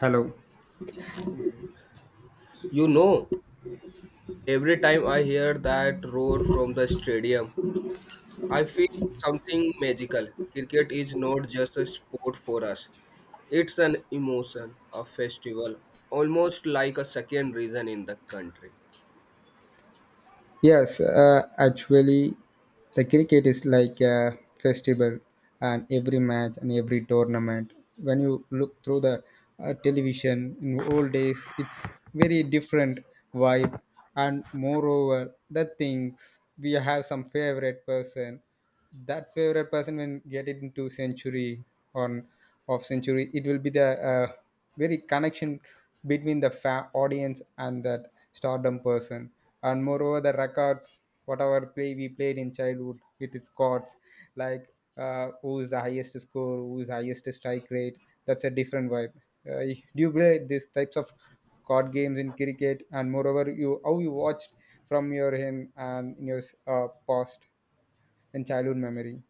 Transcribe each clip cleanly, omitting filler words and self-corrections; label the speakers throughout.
Speaker 1: Hello.
Speaker 2: You know, every time I hear that roar from the stadium, I feel something magical. Cricket is not just a sport for us, it's an emotion, a festival, almost like a second reason in the country.
Speaker 1: Yes, actually, the cricket is like a festival, and every match and every tournament. When you look through the television in old days, it's very different vibe, and moreover, the things we have some favorite person, that favorite person when get it into century on of century it will be the very connection between the audience and that stardom person, and moreover the records whatever play we played in childhood with its chords, like who is the highest score, who is highest strike rate. That's a different vibe. Do you play these types of card games in cricket, and moreover you how you watched from your end and in your past and childhood memory?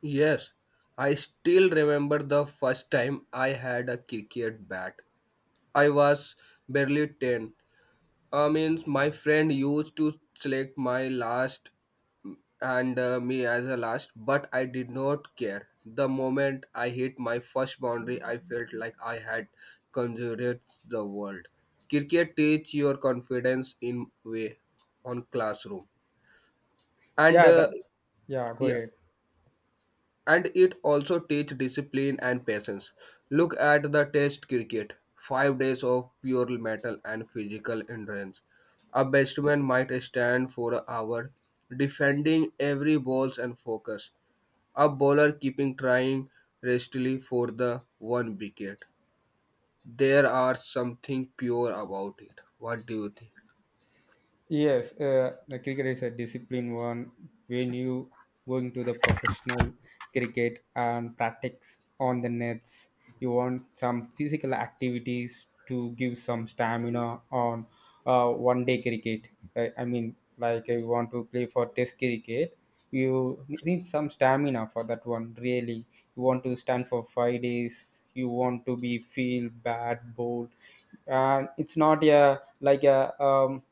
Speaker 2: Yes, I still remember the first time I had a cricket bat. I was barely 10. I mean, my friend used to select my last and me as a last, but I did not care. The moment I hit my first boundary, I felt like I had conjured the world. Cricket teach your confidence in way on classroom, and
Speaker 1: Yeah,
Speaker 2: uh,
Speaker 1: that yeah, go
Speaker 2: yeah,
Speaker 1: ahead.
Speaker 2: and it also teach discipline and patience. Look at the test cricket, 5 days of pure mental and physical endurance. A batsman might stand for an hour, defending every balls and focus. A bowler keeping trying restlessly for the one wicket. There are something pure about it. What do you think?
Speaker 1: Yes, the cricket is a discipline one. When you going to the professional cricket and practice on the nets, you want some physical activities to give some stamina on one day cricket. I mean, like if you want to play for test cricket, you need some stamina for that one. Really, you want to stand for five days. You want to be feel bad, bold, and it's not a like a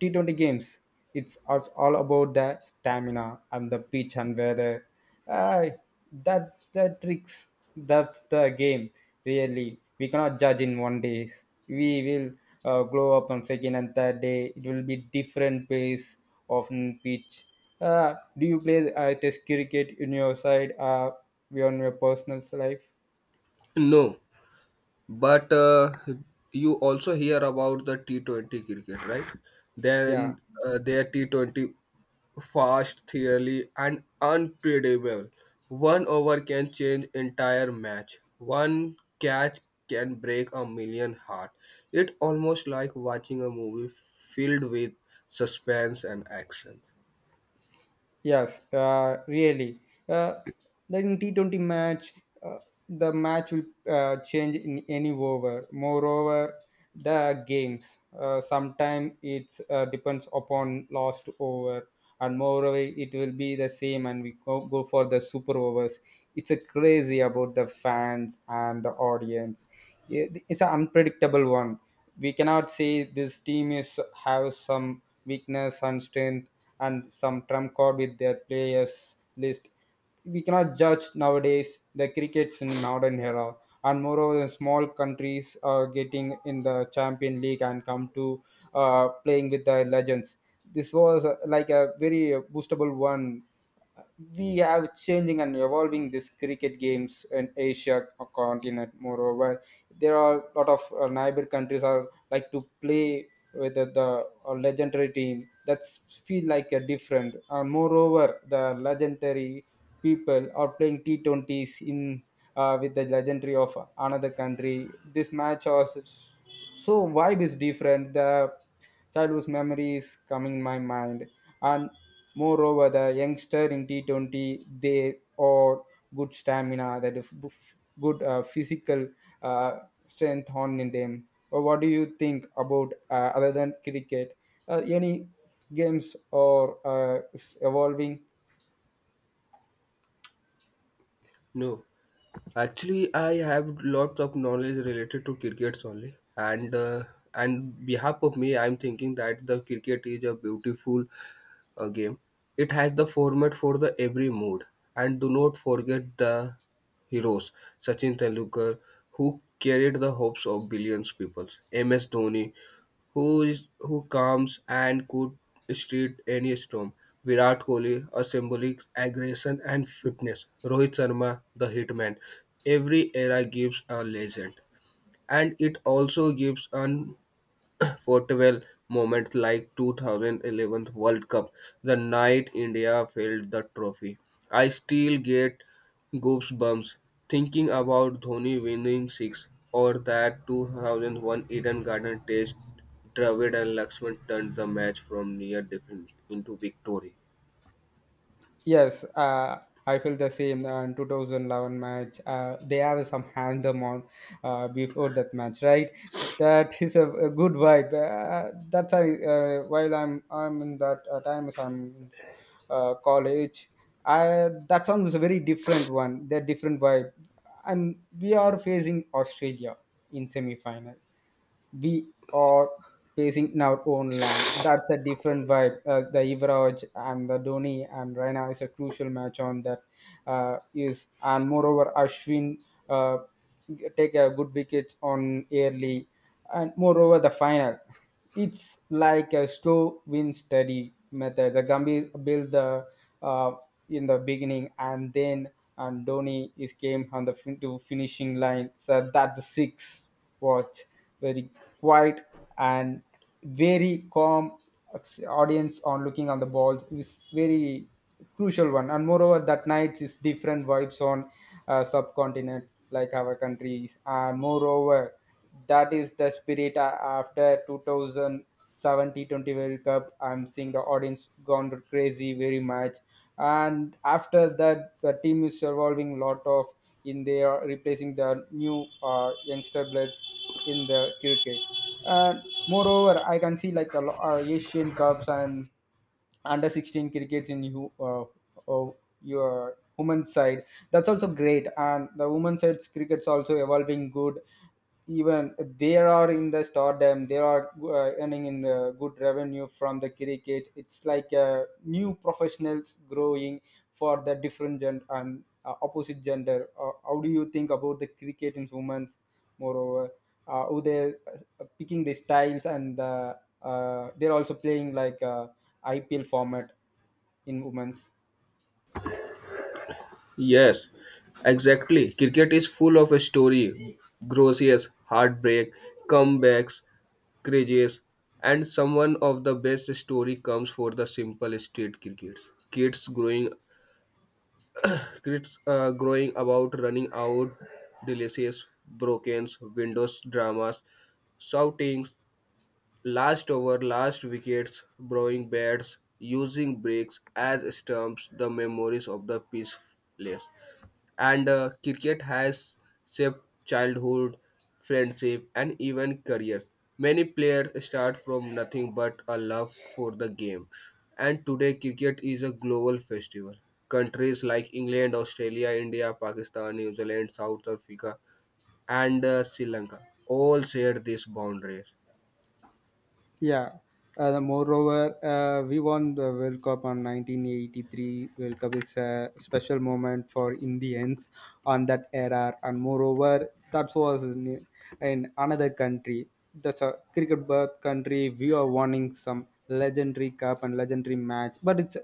Speaker 1: T20 games, it's all about the stamina and the pitch and weather. Uh, that the tricks. That's the game. Really, we cannot judge in one day. We will grow up on second and third day. It will be different pace of pitch. Do you play test cricket in your side? On your personal life?
Speaker 2: No. But you also hear about the T20 cricket, right? Then
Speaker 1: Yeah.
Speaker 2: their T20 fast, theory and unpredictable. One over can change entire match. One catch can break a million heart. It almost like watching a movie filled with suspense and action.
Speaker 1: Yes, really. Uh, then in T20 match, uh, the match will change in any over. Moreover, the games. Sometimes it's depends upon last over, and moreover, it will be the same, and we go for the super overs. It's a crazy about the fans and the audience. Yeah, it's an unpredictable one. We cannot say this team is have some weakness and strength and some trump card with their players list. We cannot judge nowadays the crickets in modern era, and moreover the small countries are getting in the champion league and come to playing with the legends. This was like a very boostable one. We have changing and evolving these cricket games in Asia continent. Moreover, there are a lot of neighbor countries are like to play with the legendary team. That's feel like a different, and moreover the legendary people are playing t20s in with the legendary of another country. This match also so vibe is different. The childhood memory is coming in my mind, and moreover the youngster in T20 they are good stamina, that is good physical uh, strength on in them. Or what do you think about other than cricket, any games or is evolving?
Speaker 2: No. Actually, I have lots of knowledge related to crickets only, and behalf of me, I'm thinking that the cricket is a beautiful a game. It has the format for the every mood. And do not forget the heroes, Sachin Tendulkar, who carried the hopes of billions people. MS Dhoni, who is who comes and could street any storm. Virat Kohli, a symbolic aggression and fitness. Rohit Sharma, the hitman. Every era gives a legend, and it also gives an Fortwell moments like 2011 World Cup, the night India filled the trophy. I still get goosebumps thinking about Dhoni winning six or that 2001 Eden Garden Test. Dravid and Laxman turned the match from near defeat into victory.
Speaker 1: Yes, I feel the same. In 2011 match, they have some hand on before that match, right? That is a good vibe. That's I while I'm in that times, I'm in college. I, that song is a very different one. They're different vibe, and we are facing Australia in semi final. We are pacing in our own land. That's a different vibe. The Ivraj and the Dhoni and Raina is a crucial match on that. Is and moreover Ashwin uh, take a good wickets on early, and moreover the final. It's like a slow win steady method. The Gambhir built the uh, in the beginning, and then and Dhoni is came on the to finishing line. So that the six watch, very quiet and very calm, audience on looking on the balls is very crucial one, and moreover that night is different vibes on subcontinent like our countries. And moreover, that is the spirit after 2070 world cup. I'm seeing the audience gone crazy very much, and after that the team is evolving a lot of in. They are replacing the new youngster bloods in the cricket, and moreover I can see like a Asian cups and under 16 crickets in you uh, your women's side. That's also great, and the women's side cricket's also evolving good. Even they are in the stardom, they are earning in good revenue from the cricket. It's like new professionals growing for the different gender and opposite gender. How do you think about the cricket in women's? Moreover, how they're picking the styles, and they're also playing like IPL format in women's.
Speaker 2: Yes, exactly. Cricket is full of a story, grossiest heartbreak, comebacks, craziest, and some one of the best story comes for the simple street cricket. Kids growing, kids growing about running out, delicious broken windows dramas, shoutings, last over, last wickets, blowing bats, using bricks as stumps, the memories of the peaceful place and cricket has shaped childhood, friendship, and even careers. Many players start from nothing but a love for the game, and today cricket is a global festival. Countries like England, Australia, India, Pakistan, New Zealand, South Africa, and Sri Lanka all share these boundaries.
Speaker 1: Yeah. Moreover, we won the World Cup on 1983. World Cup is a special moment for Indians on that era, and moreover, that was in another country. That's a cricket birth country. We are winning some legendary cup and legendary match, but it's a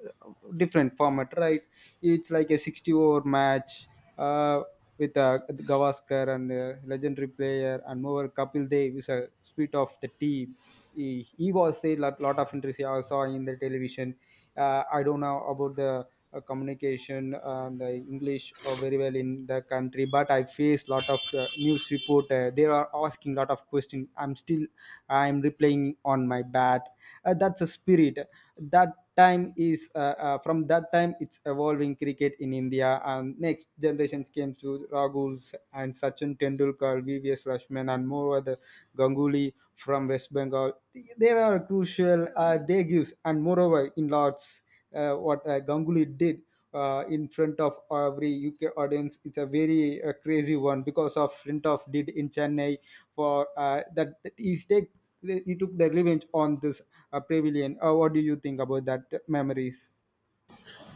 Speaker 1: different format, right? It's like a 60 over match. Uh, with Gavaskar and legendary player, and moreover Kapil Dev is a spirit of the team. He was a lot, of interest I saw in the television. I don't know about the communication and the English very well in the country, but I face lot of news report. They are asking lot of questions. I'm still I'm replying on my bat. That's a spirit, that time is from that time it's evolving cricket in India, and next generations came to Raguls and Sachin Tendulkar, VVS Rashman, and more other Ganguly from West Bengal. They are crucial. They gives, and moreover in lots what Ganguly did in front of every UK audience, it's a very crazy one because of front of did in Chennai, for that he took the revenge on this pavilion. What do you think about that memories?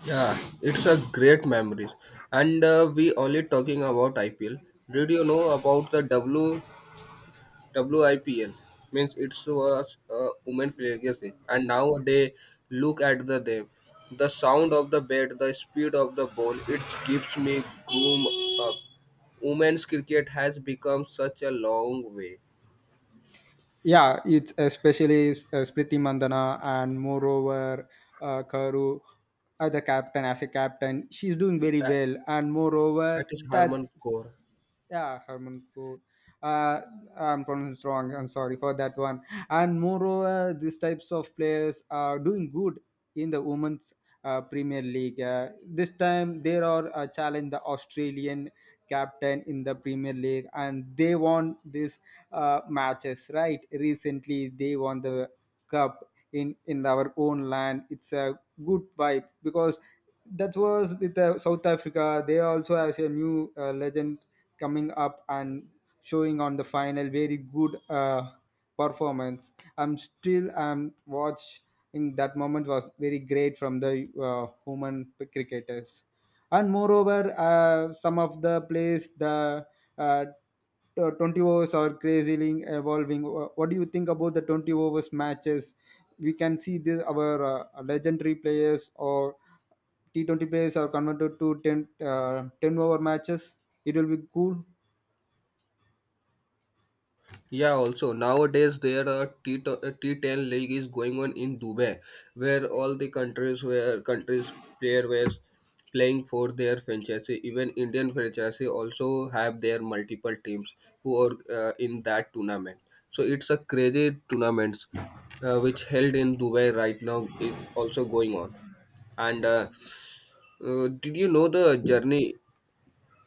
Speaker 2: Yeah, it's a great memories. And we only talking about IPL. Did you know about the WIPL means it was a woman legacy, and now they look at the them. The sound of the bat, the speed of the ball, it keeps me groom up. Women's cricket has become such a long way.
Speaker 1: Yeah, it's especially Spriti Mandana, and moreover Karu, as a captain she's doing very
Speaker 2: That,
Speaker 1: well, and
Speaker 2: that
Speaker 1: moreover
Speaker 2: is Harman
Speaker 1: that.
Speaker 2: Kaur.
Speaker 1: Yeah, Harmanpur. Uh, I'm pronounced wrong. I'm sorry for that one. And moreover, these types of players are doing good in the women's Premier League. This time they are challenged the Australian captain in the Premier League, and they won these matches. Right, recently they won the cup in our own land. It's a good vibe because that was with South Africa. They also has a new legend coming up and showing on the final very good performance. I'm still watching that moment was very great from the women cricketers, and moreover some of the plays the uh, 20 overs are crazily evolving. What do you think about the 20 overs matches? We can see this our legendary players or t20 players are converted to 10 over matches. It will be cool.
Speaker 2: Yeah, also nowadays there are T T10 league is going on in Dubai, where all the countries where countries player were playing for their franchise. Even Indian franchise also have their multiple teams who are in that tournament. So it's a crazy tournament which held in Dubai right now. It also going on. And did you know the journey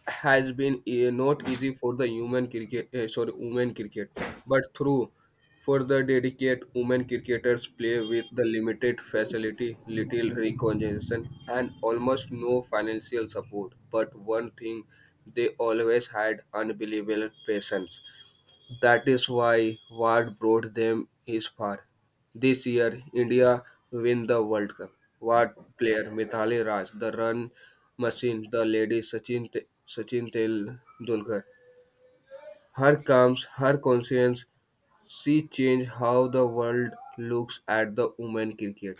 Speaker 2: has been not easy for the human cricket sorry women cricket but through for the dedicated women cricketers play with the limited facility little recognition and almost no financial support but one thing they always had unbelievable patience that is why what brought them is far. This year, India win the World Cup. What player Mithali Raj, the run machine, the lady Sachin Tendulkar. Her calms, her conscience, she changed how the world looks at the women cricket.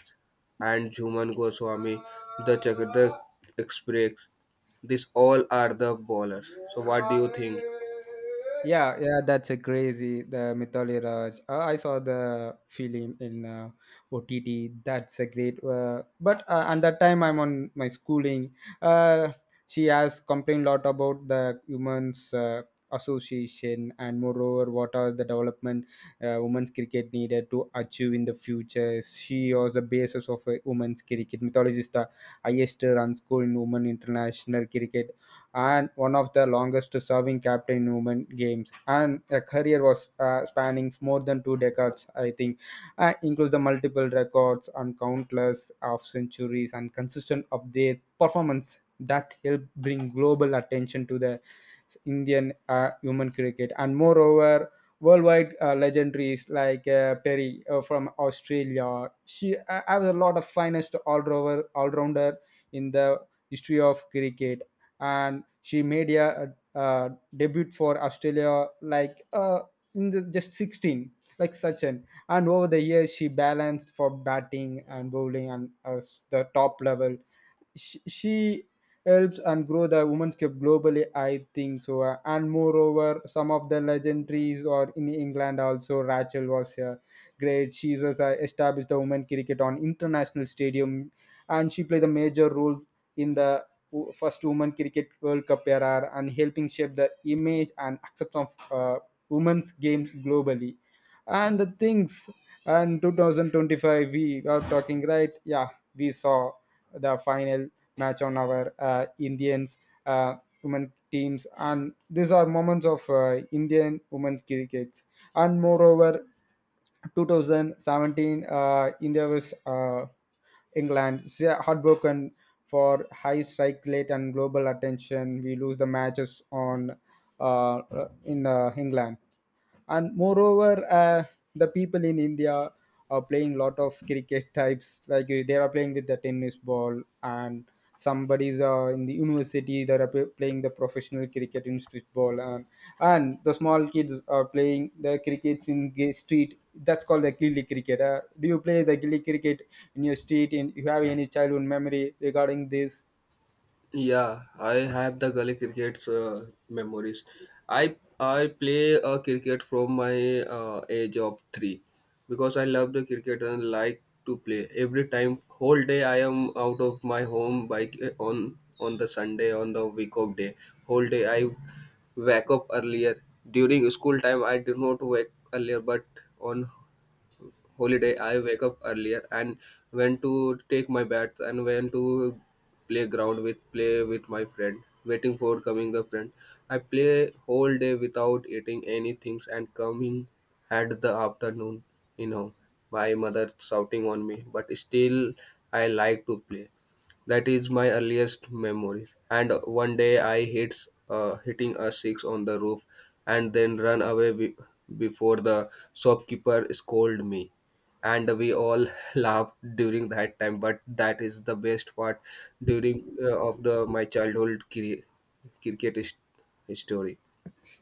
Speaker 2: And Jhuman Goswami, the Chakdak Express. These all are the bowlers. So what do you think?
Speaker 1: Yeah, yeah, that's a crazy the Mithali Raj. I saw the film in OTT. That's a great. But at that time, I'm on my schooling. Uh, she has complained a lot about the women's association, and moreover, what are the development women's cricket needed to achieve in the future. She was the basis of women's cricket. Mithali is the highest run score in women international cricket, and one of the longest serving captain in women games, and the career was spanning more than 2 decades I think. Includes the multiple records and countless of centuries and consistent of their performance that helped bring global attention to the Indian women cricket. And moreover, worldwide legendaries like Perry from Australia. She has a lot of finest all-rounder in the history of cricket, and she made debut for Australia like just 16, like Sachin, and over the years she balanced for batting and bowling, and as the top level she helps and grow the women's cup globally I think so. And moreover some of the legendaries or in England also Rachel was here great. She was established the women cricket on international stadium, and she played a major role in the first women cricket World Cup era, and helping shape the image and acceptance of women's games globally. And the things, and 2025 we are talking right. Yeah, we saw the final match on our Indians uh, women teams, and these are moments of Indian women's cricket. And moreover, 2017 India was England. They are heartbroken for high strike rate and global attention. We lose the matches on, uh, in England. And moreover, the people in India playing lot of cricket types, like, they are playing with the tennis ball. And somebody's in the university that are playing the professional cricket in street ball, and the small kids are playing the crickets in street. That's called the gilly cricket. Do you play the gilly cricket in your street, and you have any childhood memory regarding this?
Speaker 2: Yeah, I have the gully cricket's memories. I play cricket from my age of three because I love the cricket and like to play. Every time, whole day I am out of my home by on the Sunday on the week of day. Whole day I wake up earlier. During school time, I did not wake earlier, but on holiday I wake up earlier and when to take my bath and when to playground with play with my friend waiting for coming the friend I play whole day without eating anything and coming at the afternoon, you know, my mother shouting on me but still I like to play. That is my earliest memory. And one day I hits hitting a six on the roof, and then run away before the shopkeeper scolded me. And we all laughed during that time. But that is the best part during of the my childhood cricket story.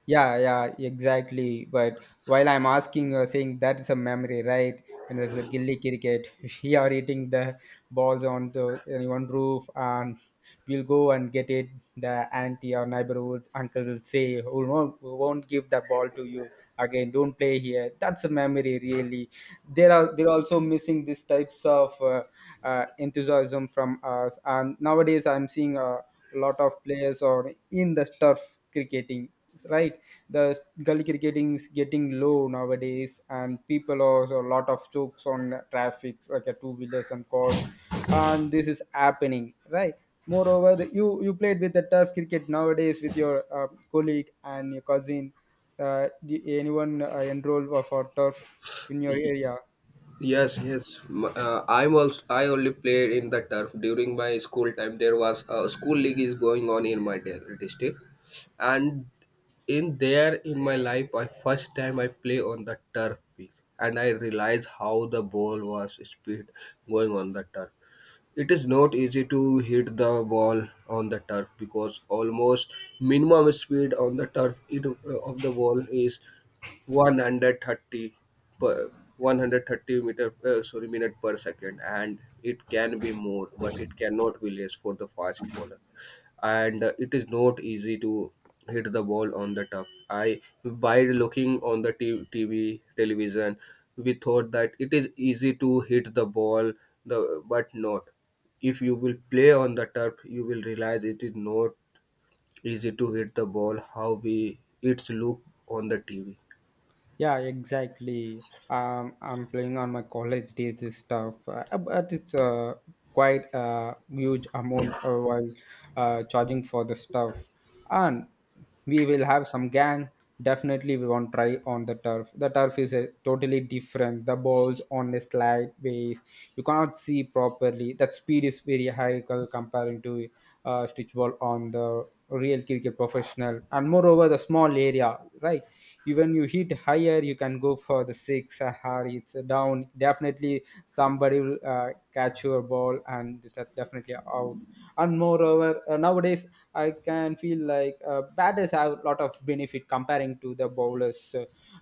Speaker 1: Yeah, yeah, exactly. But while I'm asking, saying that is a memory, right? When there's a gilly cricket, we are eating the balls on the on one roof, and we'll go and get it. The auntie or neighborhood uncle will say, "We won't give the ball to you again. Don't play here." That's a memory, really. There are they're also missing these types of enthusiasm from us, and nowadays I'm seeing. Lot of players are in the turf cricketing, right? The gully cricketing is getting low nowadays, and people are so a lot of chokes on traffic like a two wheelers and cars, and this is happening, right? Moreover, the, you played with the turf cricket nowadays with your colleague and your cousin. Do anyone enroll for turf in your area?
Speaker 2: Yes, yes. I'm also. I only played in the turf during my school time. There was a school league is going on in my district, and in there in my life, I first time I play on the turf pitch, and I realized how the ball was speed going on the turf. It is not easy to hit the ball on the turf because almost minimum speed on the turf it, of the ball is 130 per 130 meter sorry minute per second and it can be more but it cannot be less for the fast bowler and it is not easy to hit the ball on the top I by looking on the TV television we thought that it is easy to hit the ball the but not if you will play on the turf you will realize it is not easy to hit the ball how we it's look on the TV.
Speaker 1: Yeah, exactly. I'm playing on my college days this stuff, but it's quite a huge amount while charging for the stuff. And we will have some gang. Definitely, we won't try on the turf. The turf is totally different. The balls on a slide base, you cannot see properly. That speed is very high comparing to stitch ball on the real cricket professional, and moreover the small area, right? Even you hit higher, you can go for the six, or it's down. Definitely somebody will catch your ball, and that definitely out. And moreover, nowadays I can feel like batters have a lot of benefit comparing to the bowlers.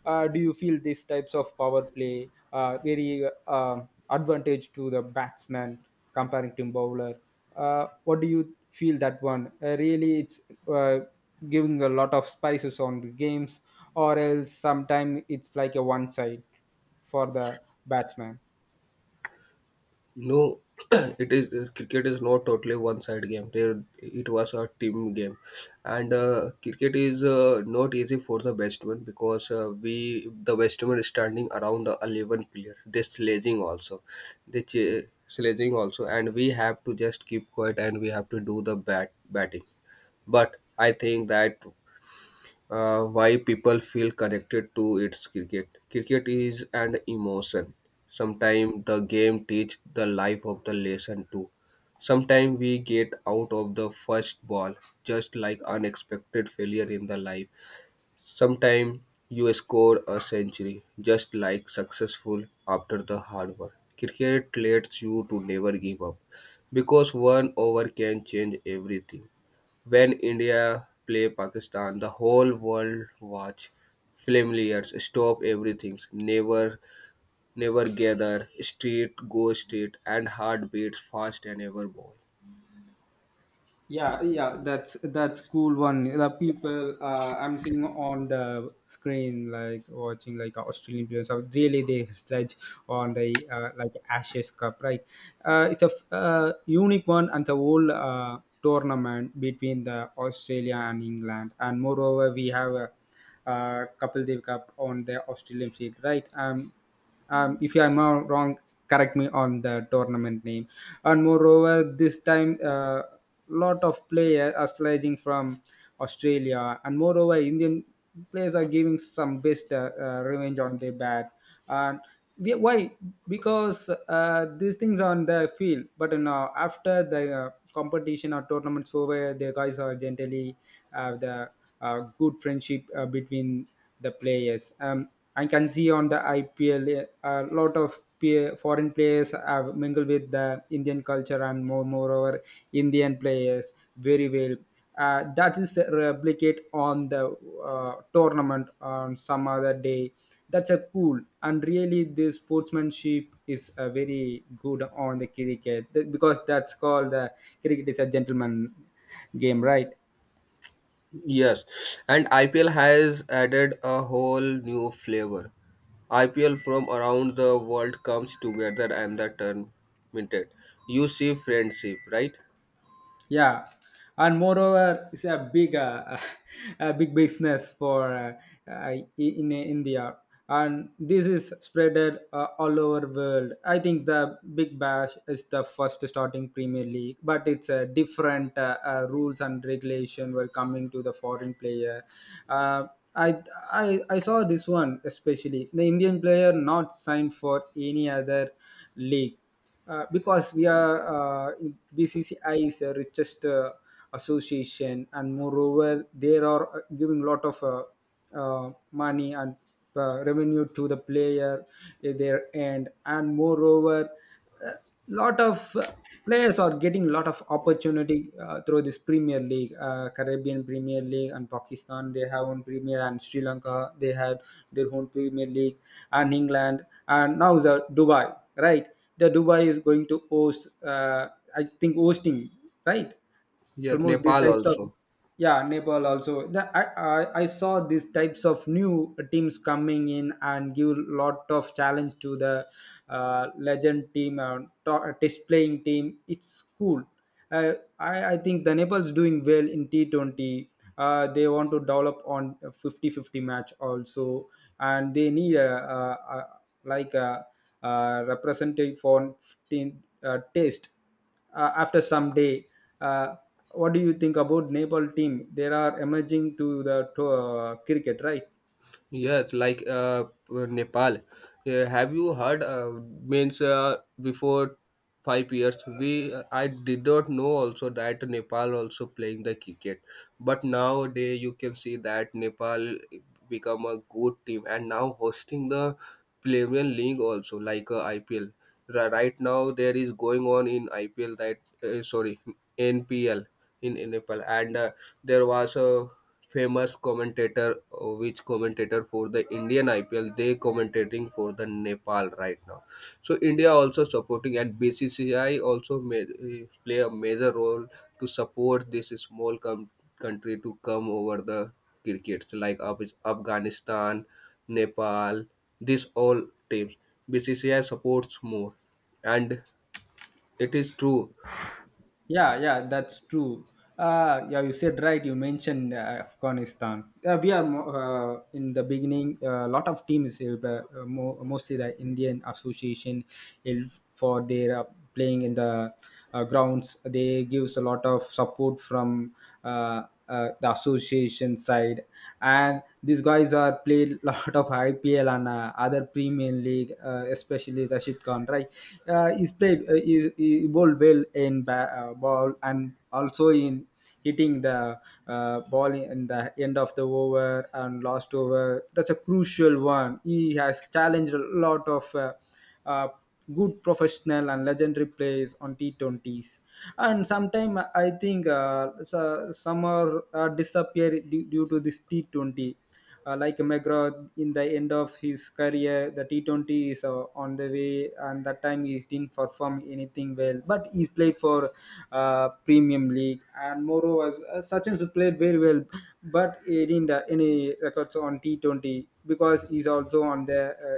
Speaker 1: Do you feel these types of power play very uh, advantage to the batsman comparing to bowler? What do you feel that one? Really, it's uh, giving a lot of spices on the games, or else sometimes it's like a one side for the batsman.
Speaker 2: No, it is cricket is not totally one-side game. There, it was a team game, and cricket is not easy for the batsman because we the batsman is standing around the 11 players. They sledging also, sledging also, and we have to just keep quiet and we have to do the batting. But I think that why people feel connected to its cricket. Cricket is an emotion. Sometimes the game teach the life of the lesson too. Sometimes we get out of the first ball, just like unexpected failure in the life. Sometimes you score a century, just like successful after the hard work. Cricket lets you to never give up because one over can change everything. When India play Pakistan, the whole world watch. Familiars stop everything. Never, never gather. Street go street, and heart beats fast and ever ball.
Speaker 1: Yeah, yeah, that's cool one. The people, I'm seeing on the screen, like watching like Australian players are really they sledge on the, like Ashes Cup, right? It's a unique one, and the whole tournament between the Australia and England. And moreover, we have a Kapil Dev Cup on the Australian field, right? If I'm not wrong, correct me on the tournament name. And moreover, this time, lot of players are sledging from Australia, and moreover, Indian players are giving some best revenge on their bat. And why? Because, these things are on the field, but now after the competition or tournaments over, the guys are generally have the good friendship between the players. I can see on the IPL a lot of foreign players have mingled with the Indian culture, and moreover Indian players very well. That is replicate on the tournament on some other day. That's a cool, and really this sportsmanship is very good on the cricket. Because that's called the cricket is a gentleman game, right?
Speaker 2: Yes, and IPL has added a whole new flavor. IPL from around the world comes together and the tournament. You see friendship, right?
Speaker 1: Yeah, and moreover, it's a big business for uh, uh, in India, and this is spreaded all over world. I think the Big Bash is the first starting Premier League, but it's a different rules and regulation were coming to the foreign player. Uh, I, I saw this one, especially the Indian player not signed for any other league, because we are, BCCI is the richest association, and moreover they are giving lot of money and revenue to the player at their end. And moreover, a lot of players are getting a lot of opportunity through this Premier League, Caribbean Premier League, and Pakistan. They have own Premier, and Sri Lanka. They had their own Premier League, and England, and now the Dubai, right? The Dubai is going to host. I think hosting, right?
Speaker 2: Yes,
Speaker 1: Almost these
Speaker 2: Nepal
Speaker 1: types of,
Speaker 2: also.
Speaker 1: yeah, Nepal also the, I saw these types of new teams coming in and give lot of challenge to the legend team, displaying team. It's cool. Uh, I, I think the Nepal's doing well in T20. They want to develop on 50-50 match also, and they need a like a representative for team taste after some day. Uh, what do you think about Nepal team? They are emerging to the cricket, right?
Speaker 2: Yes, like Nepal. Have you heard? Means Before 5 years, we I did not know also that Nepal also playing the cricket. But nowadays you can see that Nepal become a good team and now hosting the Premier League also like IPL. Right now there is going on in IPL that sorry NPL in Nepal and there was a famous commentator, which commentator for the Indian IPL. They commentating for the Nepal right now. So India also supporting and BCCI also may, play a major role to support this small country to come over the cricket like Afghanistan, Nepal. This all teams BCCI supports more, and it is true.
Speaker 1: Yeah, yeah, that's true. Yeah, you said right. You mentioned Afghanistan. We are in the beginning. A lot of teams, mostly the Indian Association, help for their playing in the grounds. They gives a lot of support from the association side, and these guys are played lot of IPL and other Premier League, especially Rashid Khan, right? He's played, he bowled well in ball, and also in hitting the ball in the end of the over and last over. That's a crucial one. He has challenged a lot of uh, good professional and legendary plays on T20s. And sometimes I think, some are disappear due to this T20. Like McGraw in the end of his career, the T20 is on the way, and that time he didn't perform anything well. But he played for Premium League, and moreover, Sachin played very well, but he didn't any records on T20 because he's also on the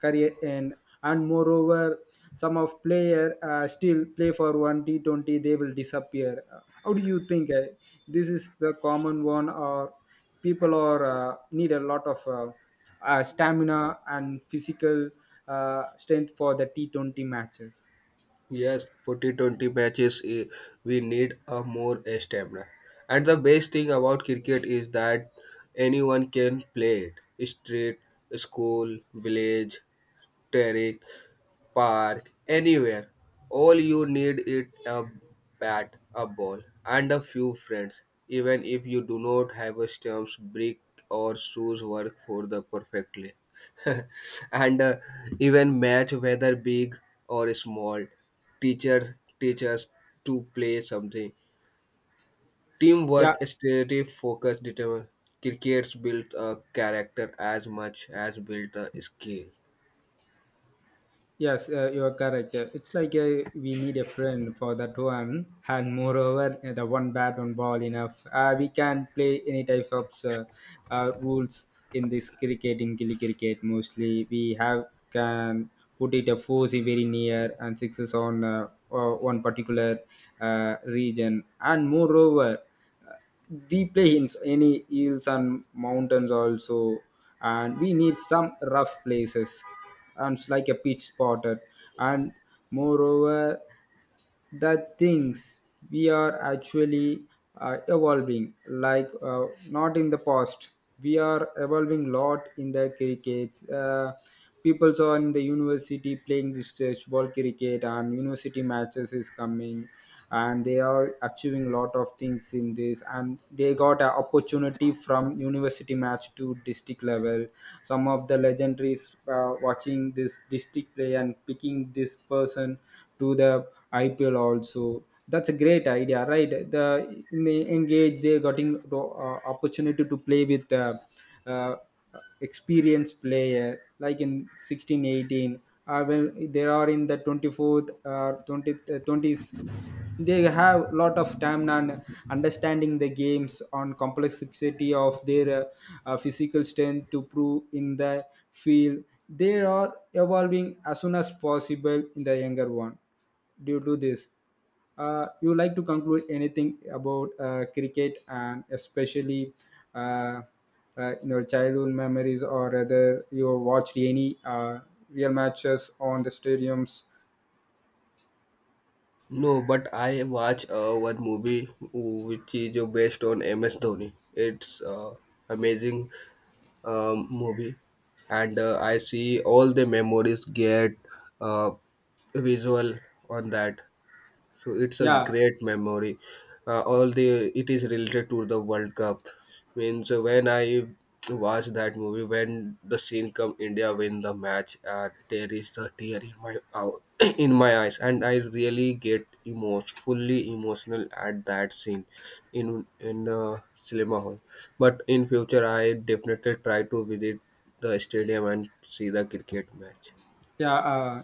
Speaker 1: career end. And moreover, some of player still play for one T20, they will disappear. How do you think, this is the common one? Or people are need a lot of stamina and physical strength for the T20 matches?
Speaker 2: Yes, forty twenty matches, we need a more stamina. And the best thing about cricket is that anyone can play it. Street, school, village, terrain park, anywhere. All you need is a bat, a ball, and a few friends. Even if you do not have a stumps, brick or shoes work for the perfectly. and Even match whether big or small. Teacher teaches to play something.
Speaker 1: Yeah.
Speaker 2: Teamwork, strategy, focus, determination. Crickets built a character as much as built a skill.
Speaker 1: Yes, you are correct. It's like we need a friend for that one. And moreover, the one bat, one ball enough. We can play any type of rules in this cricket. In gilly cricket, mostly we have can put it a four is very near, and sixes on one particular region. And moreover, uh, we play in any hills and mountains also, and we need some rough places, and it's like a pitch spotted. And moreover, that things, we are actually evolving, like, not in the past. We are evolving lot in the crickets. People are in the university playing this ball cricket, and university matches is coming, and they are achieving lot of things in this, and they got an opportunity from university match to district level. Some of the legendaries watching this district play and picking this person to the IPL also. That's a great idea, right? The in the engage they getting opportunity to play with uh, experienced player like in 16 18, well they are in the 24th or 20, 20s. They have lot of time on understanding the games on complexity of their physical strength to prove in the field. They are evolving as soon as possible in the younger one due to this. You like to conclude anything about cricket, and especially uh, in your childhood memories, or whether you watched any real matches on the stadiums?
Speaker 2: No, but I watch one movie which is based on MS Dhoni. It's amazing movie, and I see all the memories get uh, visual on that so it's a
Speaker 1: Yeah.
Speaker 2: great memory, all the it is related to the World Cup means when I watch that movie when the scene come India win the match there is the tear in my ou- in my eyes and I really get emos fully emotional at that scene in cinema hall but in future I definitely try to visit the stadium and see the cricket match.
Speaker 1: Yeah.